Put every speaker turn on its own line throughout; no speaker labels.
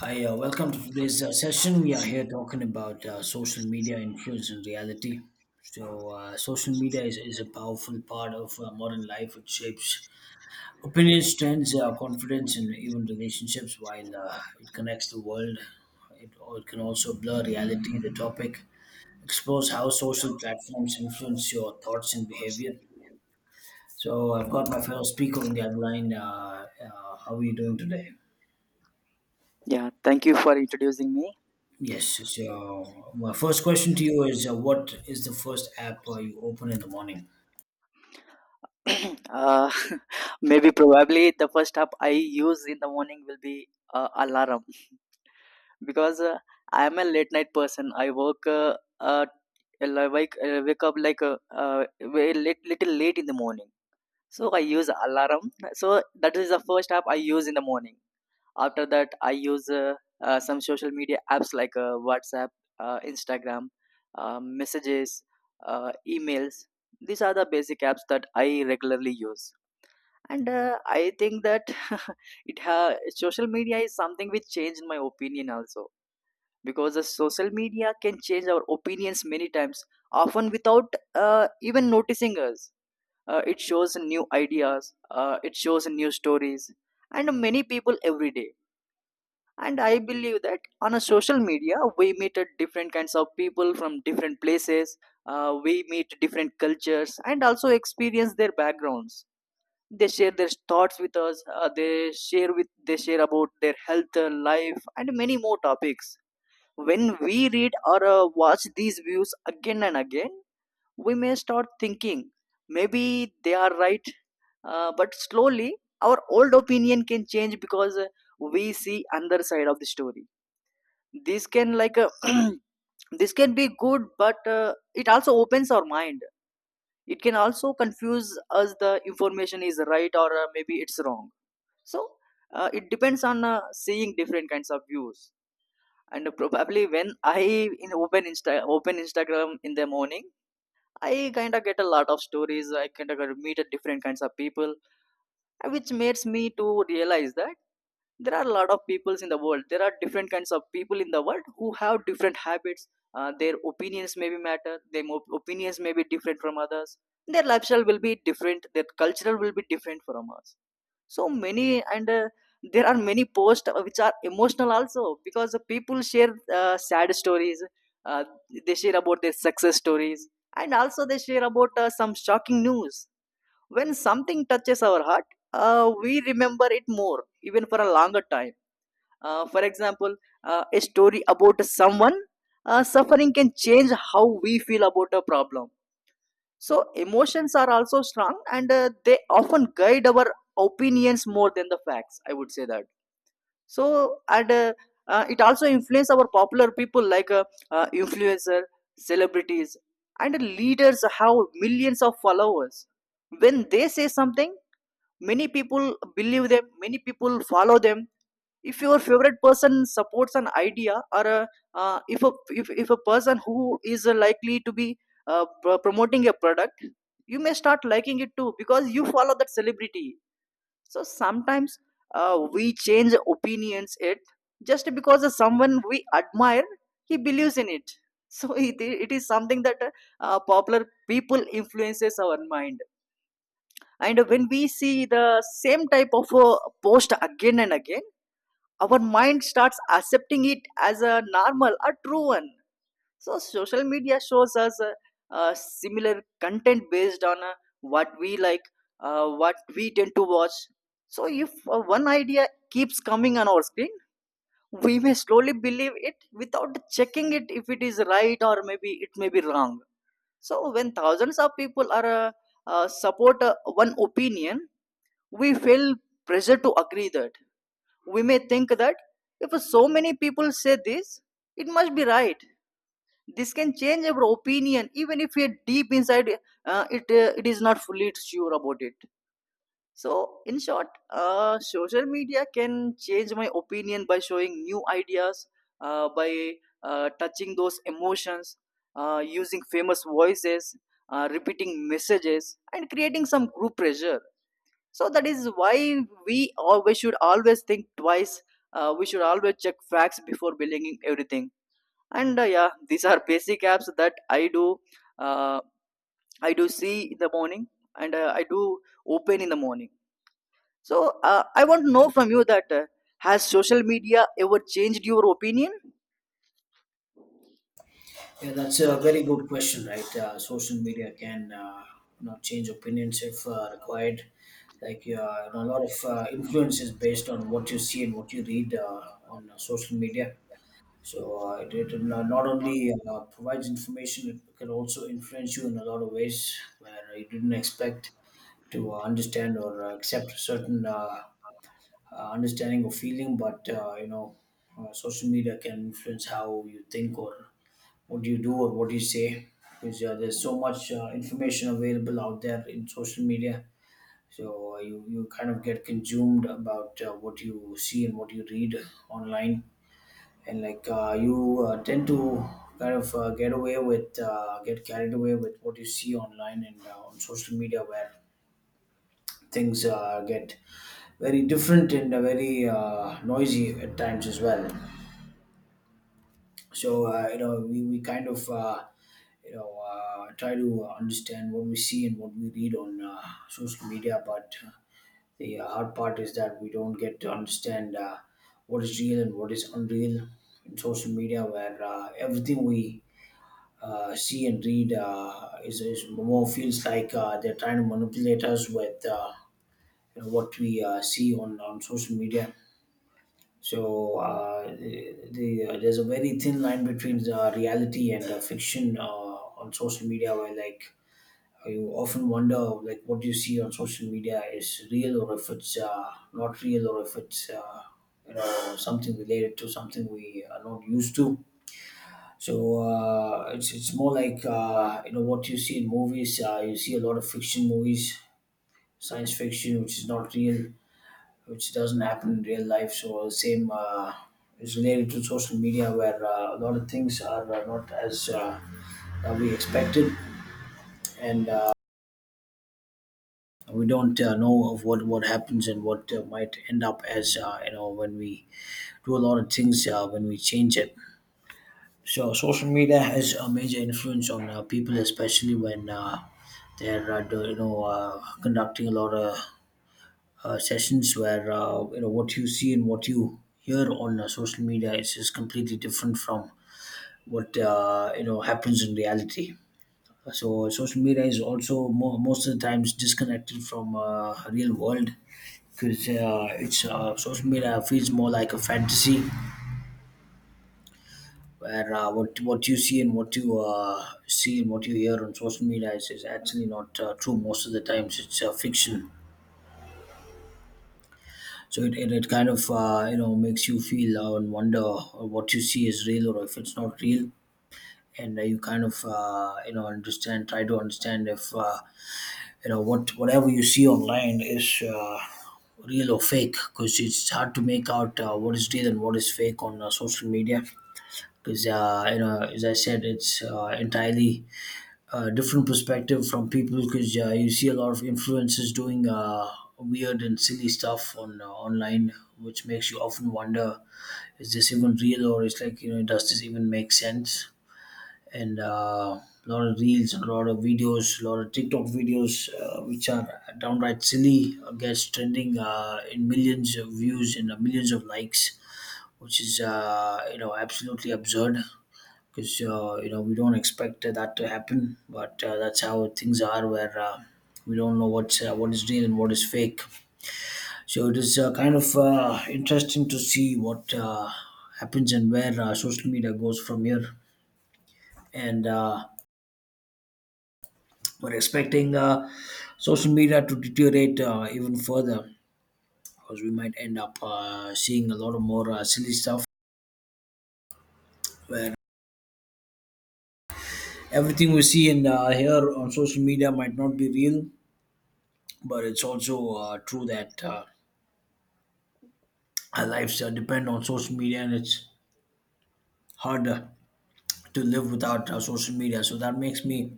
Hi, welcome to today's session. We are here talking about social media influence and reality. So, social media is a powerful part of modern life. It shapes opinions, trends, confidence, and even relationships while it connects the world. It can also blur reality. The topic explores how social platforms influence your thoughts and behavior. So, I've got my fellow speaker on the other line. How are you doing today?
Yeah, thank you for introducing me.
Yes. So my first question to you is, what is the first app you open in the morning?
uh, Maybe probably the first app I use in the morning will be alarm because I am a late night person. I work like wake up like very late, little late in the morning. So I use alarm. So that is the first app I use in the morning. After that, I use some social media apps like WhatsApp, Instagram, messages, emails. These are the basic apps that I regularly use. And I think that social media is something which changed my opinion also, because the social media can change our opinions many times, often without even noticing us. It shows new ideas. It shows new stories and many people every day. And I believe that on a social media, we meet a different kinds of people from different places. We meet different cultures and also experience their backgrounds. They share their thoughts with us. They share about their health, life, and many more topics. When we read or watch these views again and again, we may start thinking maybe they are right. But slowly our old opinion can change, because we see another side of the story. This can this can be good, but it also opens our mind. It can also confuse us: the information is right, or maybe it's wrong. So it depends on seeing different kinds of views. And probably when I in open insta open Instagram in the morning, I kind of get a lot of stories. I kind of meet different kinds of people, which makes me to realize that there are a lot of peoples in the world. There are different kinds of people in the world who have different habits. Their opinions may be matter. Opinions may be different from others. Their lifestyle will be different. Their cultural will be different from us, so many. And there are many posts which are emotional also, because the people share sad stories. uh, they share about their success stories, and also they share about some shocking news. When something touches our heart, we remember it more even for a longer time. For example, a story about someone suffering can change how we feel about a problem. So emotions are also strong, and they often guide our opinions more than the facts, I would say that. So and it also influence our popular people, like influencer, celebrities, and leaders have millions of followers. When they say something, many people believe them, many people follow them. If your favorite person supports an idea, if a if, if a person who is likely to be promoting a product, you may start liking it too, because you follow that celebrity. So sometimes we change opinions, it just because of someone we admire, he believes in it. So it is something that popular people influences our mind. And when we see the same type of post again and again, our mind starts accepting it as a normal, a true one. So social media shows us similar content based on what we like, what we tend to watch. So if one idea keeps coming on our screen, we may slowly believe it without checking it, if it is right or maybe it may be wrong. So when thousands of people are support one opinion, we feel pressure to agree that, we may think that, if so many people say this, it must be right. This can change our opinion, even if we are deep inside it is not fully sure about it. So, in short, social media can change my opinion by showing new ideas, by touching those emotions, using famous voices, repeating messages, and creating some group pressure. So that is why we always should always think twice. We should always check facts before believing everything. And yeah, these are basic apps that I do, uh, I do see in the morning and I do open in the morning. So I want to know from you that has social media ever changed your opinion?
Yeah, that's a very good question, right? Social media can change opinions if required. A lot of influence is based on what you see and what you read on social media. So it, it no- not only provides information, it can also influence you in a lot of ways where you didn't expect to understand or accept certain understanding or feeling, but social media can influence how you think or what you do or what you say because there's so much information available out there in social media. So you kind of get consumed about what you see and what you read online, and you tend to kind of get away with get carried away with what you see online and on social media where things get very different and very noisy at times as well. So we kind of try to understand what we see and what we read on social media, but the hard part is that we don't get to understand what is real and what is unreal in social media, where everything we see and read is more feels like they're trying to manipulate us with what we see on social media. So there's a very thin line between the reality and fiction on social media, where like you often wonder like what you see on social media is real or if it's not real or if it's something related to something we are not used to. So it's more like what you see in movies. You see a lot of fiction movies, science fiction, which is not real, which doesn't happen in real life. So same is related to social media, where a lot of things are not as we expected, and we don't know of what happens and what might end up as when we do a lot of things when we change it. So social media has a major influence on people, especially when they're do, you know conducting a lot of sessions where what you see and what you hear on social media is just completely different from what happens in reality. So social media is also most of the times disconnected from real world because it's social media feels more like a fantasy where what you see and what you see and what you hear on social media is actually not true. Most of the times it's fiction. So it kind of makes you feel and wonder what you see is real or if it's not real, and you kind of try to understand if whatever you see online is real or fake, because it's hard to make out what is real and what is fake on social media. Because as I said, it's entirely different perspective from people because you see a lot of influencers doing weird and silly stuff on online, which makes you often wonder: is this even real, or it's does this even make sense? And a lot of reels, a lot of videos, a lot of TikTok videos, which are downright silly, gets trending in millions of views and millions of likes, which is absolutely absurd because we don't expect that to happen, but that's how things are, where we don't know what is real and what is fake. So it is kind of interesting to see what happens and where social media goes from here. And we're expecting social media to deteriorate even further, because we might end up seeing a lot of more silly stuff where everything we see and hear on social media might not be real. But it's also true that our lives depend on social media, and it's hard to live without social media. So that makes me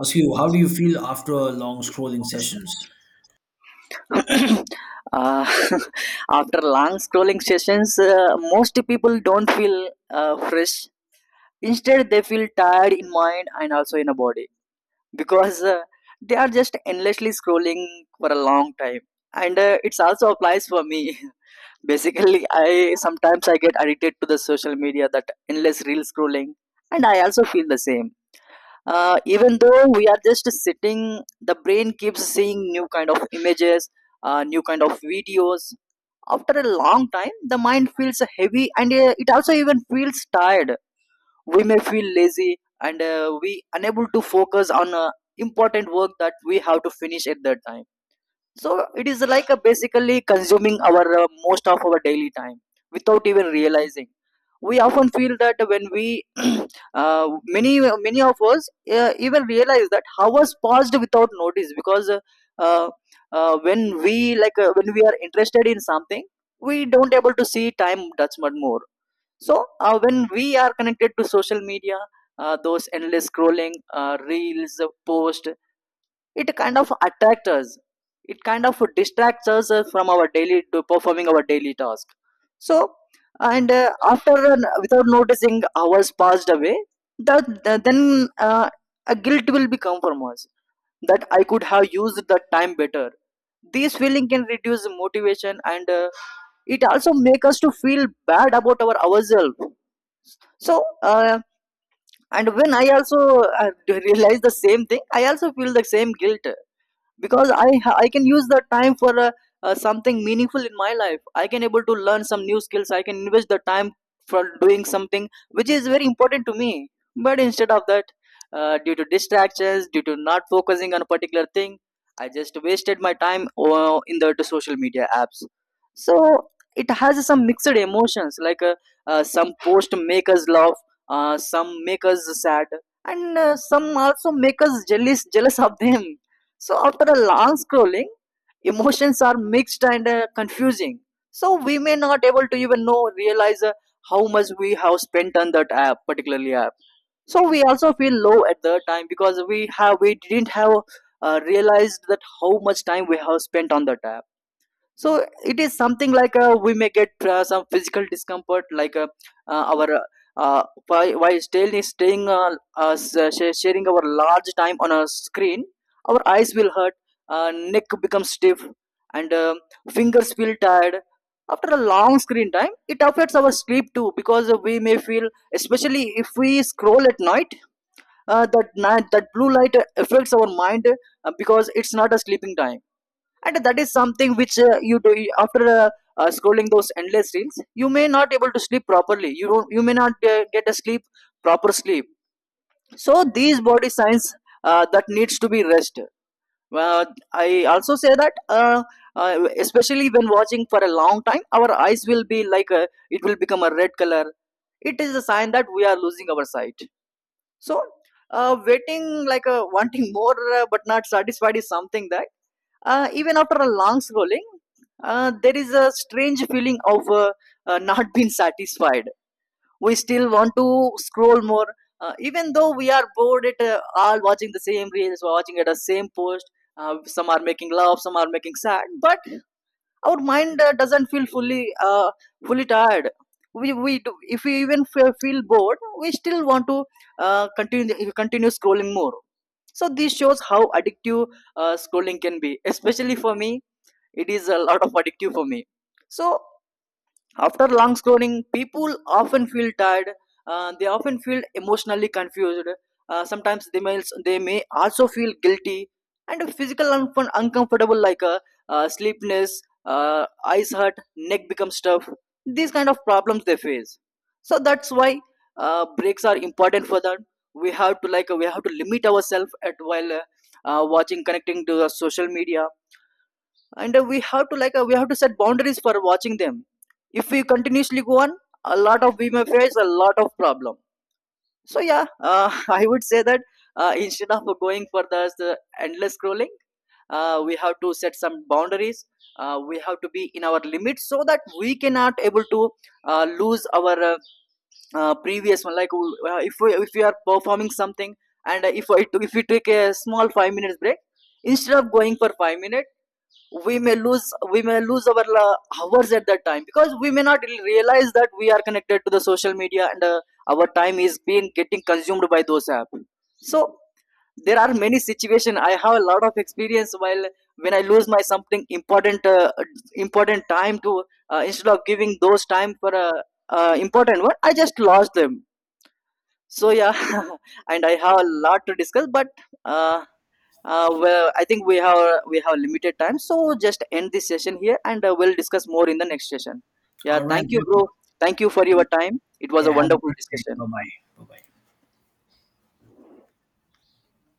ask you: how do you feel after long scrolling sessions?
uh, After long scrolling sessions, most people don't feel fresh. Instead, they feel tired in mind and also in a body, because they are just endlessly scrolling for a long time. And it's also applies for me. Basically, I sometimes I get addicted to the social media, that endless reel scrolling, and I also feel the same. Even though we are just sitting, the brain keeps seeing new kind of images, new kind of videos. After a long time, the mind feels heavy and it also even feels tired. We may feel lazy and we unable to focus on important work that we have to finish at that time. So it is like a, basically consuming our most of our daily time without even realizing. We often feel that when we uh, many many of us even realize that hours passed without notice, because uh, when we like when we are interested in something, we don't able to see time, that's much more. So when we are connected to social media, those endless scrolling, reels, post, it kind of attracts us. It kind of distracts us from our daily to performing our daily task. So and after without noticing, hours passed away. That then a guilt will become from us, that I could have used the time better. This feeling can reduce motivation, and it also make us to feel bad about our ourselves. So and when I also realize the same thing, I also feel the same guilt, because I can use the time for something meaningful in my life. I can able to learn some new skills. I can invest the time for doing something which is very important to me. But instead of that, due to distractions, due to not focusing on a particular thing, I just wasted my time in the to social media apps. So it has some mixed emotions, like some post make us laugh, some make us sad, and some also make us jealous, jealous of them. So after a long scrolling, emotions are mixed and confusing. So we may not able to even know, realize how much we have spent on that app, particularly app. So we also feel low at the time, because we didn't have realized that how much time we have spent on that app. So it is something like we may get some physical discomfort, like our uh, whi- while sharing our large time on a screen, our eyes will hurt, neck becomes stiff, and fingers feel tired. After a long screen time, it affects our sleep too, because we may feel, especially if we scroll at night, that blue light affects our mind, because it's not a sleeping time. And that is something which you do, after scrolling those endless reels, you may not able to sleep properly. You may not get a sleep, proper sleep. So these body signs, that needs to be rest. uh, I also say that especially when watching for a long time, our eyes will be like a, it will become a red color. It is a sign that we are losing our sight. So waiting like wanting more, but not satisfied is something that even after a long scrolling, there is a strange feeling of not being satisfied. We still want to scroll more, even though we are bored at all watching the same reels, watching at the same post. Some are making love, some are making sad, but our mind doesn't feel fully tired. We do, if we even feel bored, we still want to continue scrolling more. So this shows how addictive scrolling can be, especially for me. It is a lot of addictive for me. So after long scrolling, people often feel tired, they often feel emotionally confused, sometimes they may also feel guilty, and a physical un, uncomfortable, like a sleepless, uh, eyes hurt, neck becomes tough. These kind of problems they face. So that's why breaks are important for that. We have to limit ourselves at, while watching, connecting to the social media. And we have to set boundaries for watching them. If we continuously go on, a lot of, we may face a lot of problem. So yeah, I would say that instead of going for the endless scrolling, we have to set some boundaries. We have to be in our limits, so that we cannot able to lose our previous one. Like if we are performing something and if we take a small 5 minutes break, instead of going for 5 minutes, we may lose we may lose our hours at that time, because we may not really realize that we are connected to the social media, and our time is being getting consumed by those apps. So there are many situations. I have a lot of experience while, when I lose my something important, important time to, instead of giving those time for a important one, I just lost them. So yeah, and I have a lot to discuss, but uh, well, I think we have limited time, so just end this session here, and we'll discuss more in the next session. Yeah,
All right.
thank you, bro. Thank you for your time. It was a
Yeah, have a
wonderful
good day.
discussion.
Bye bye. Bye bye.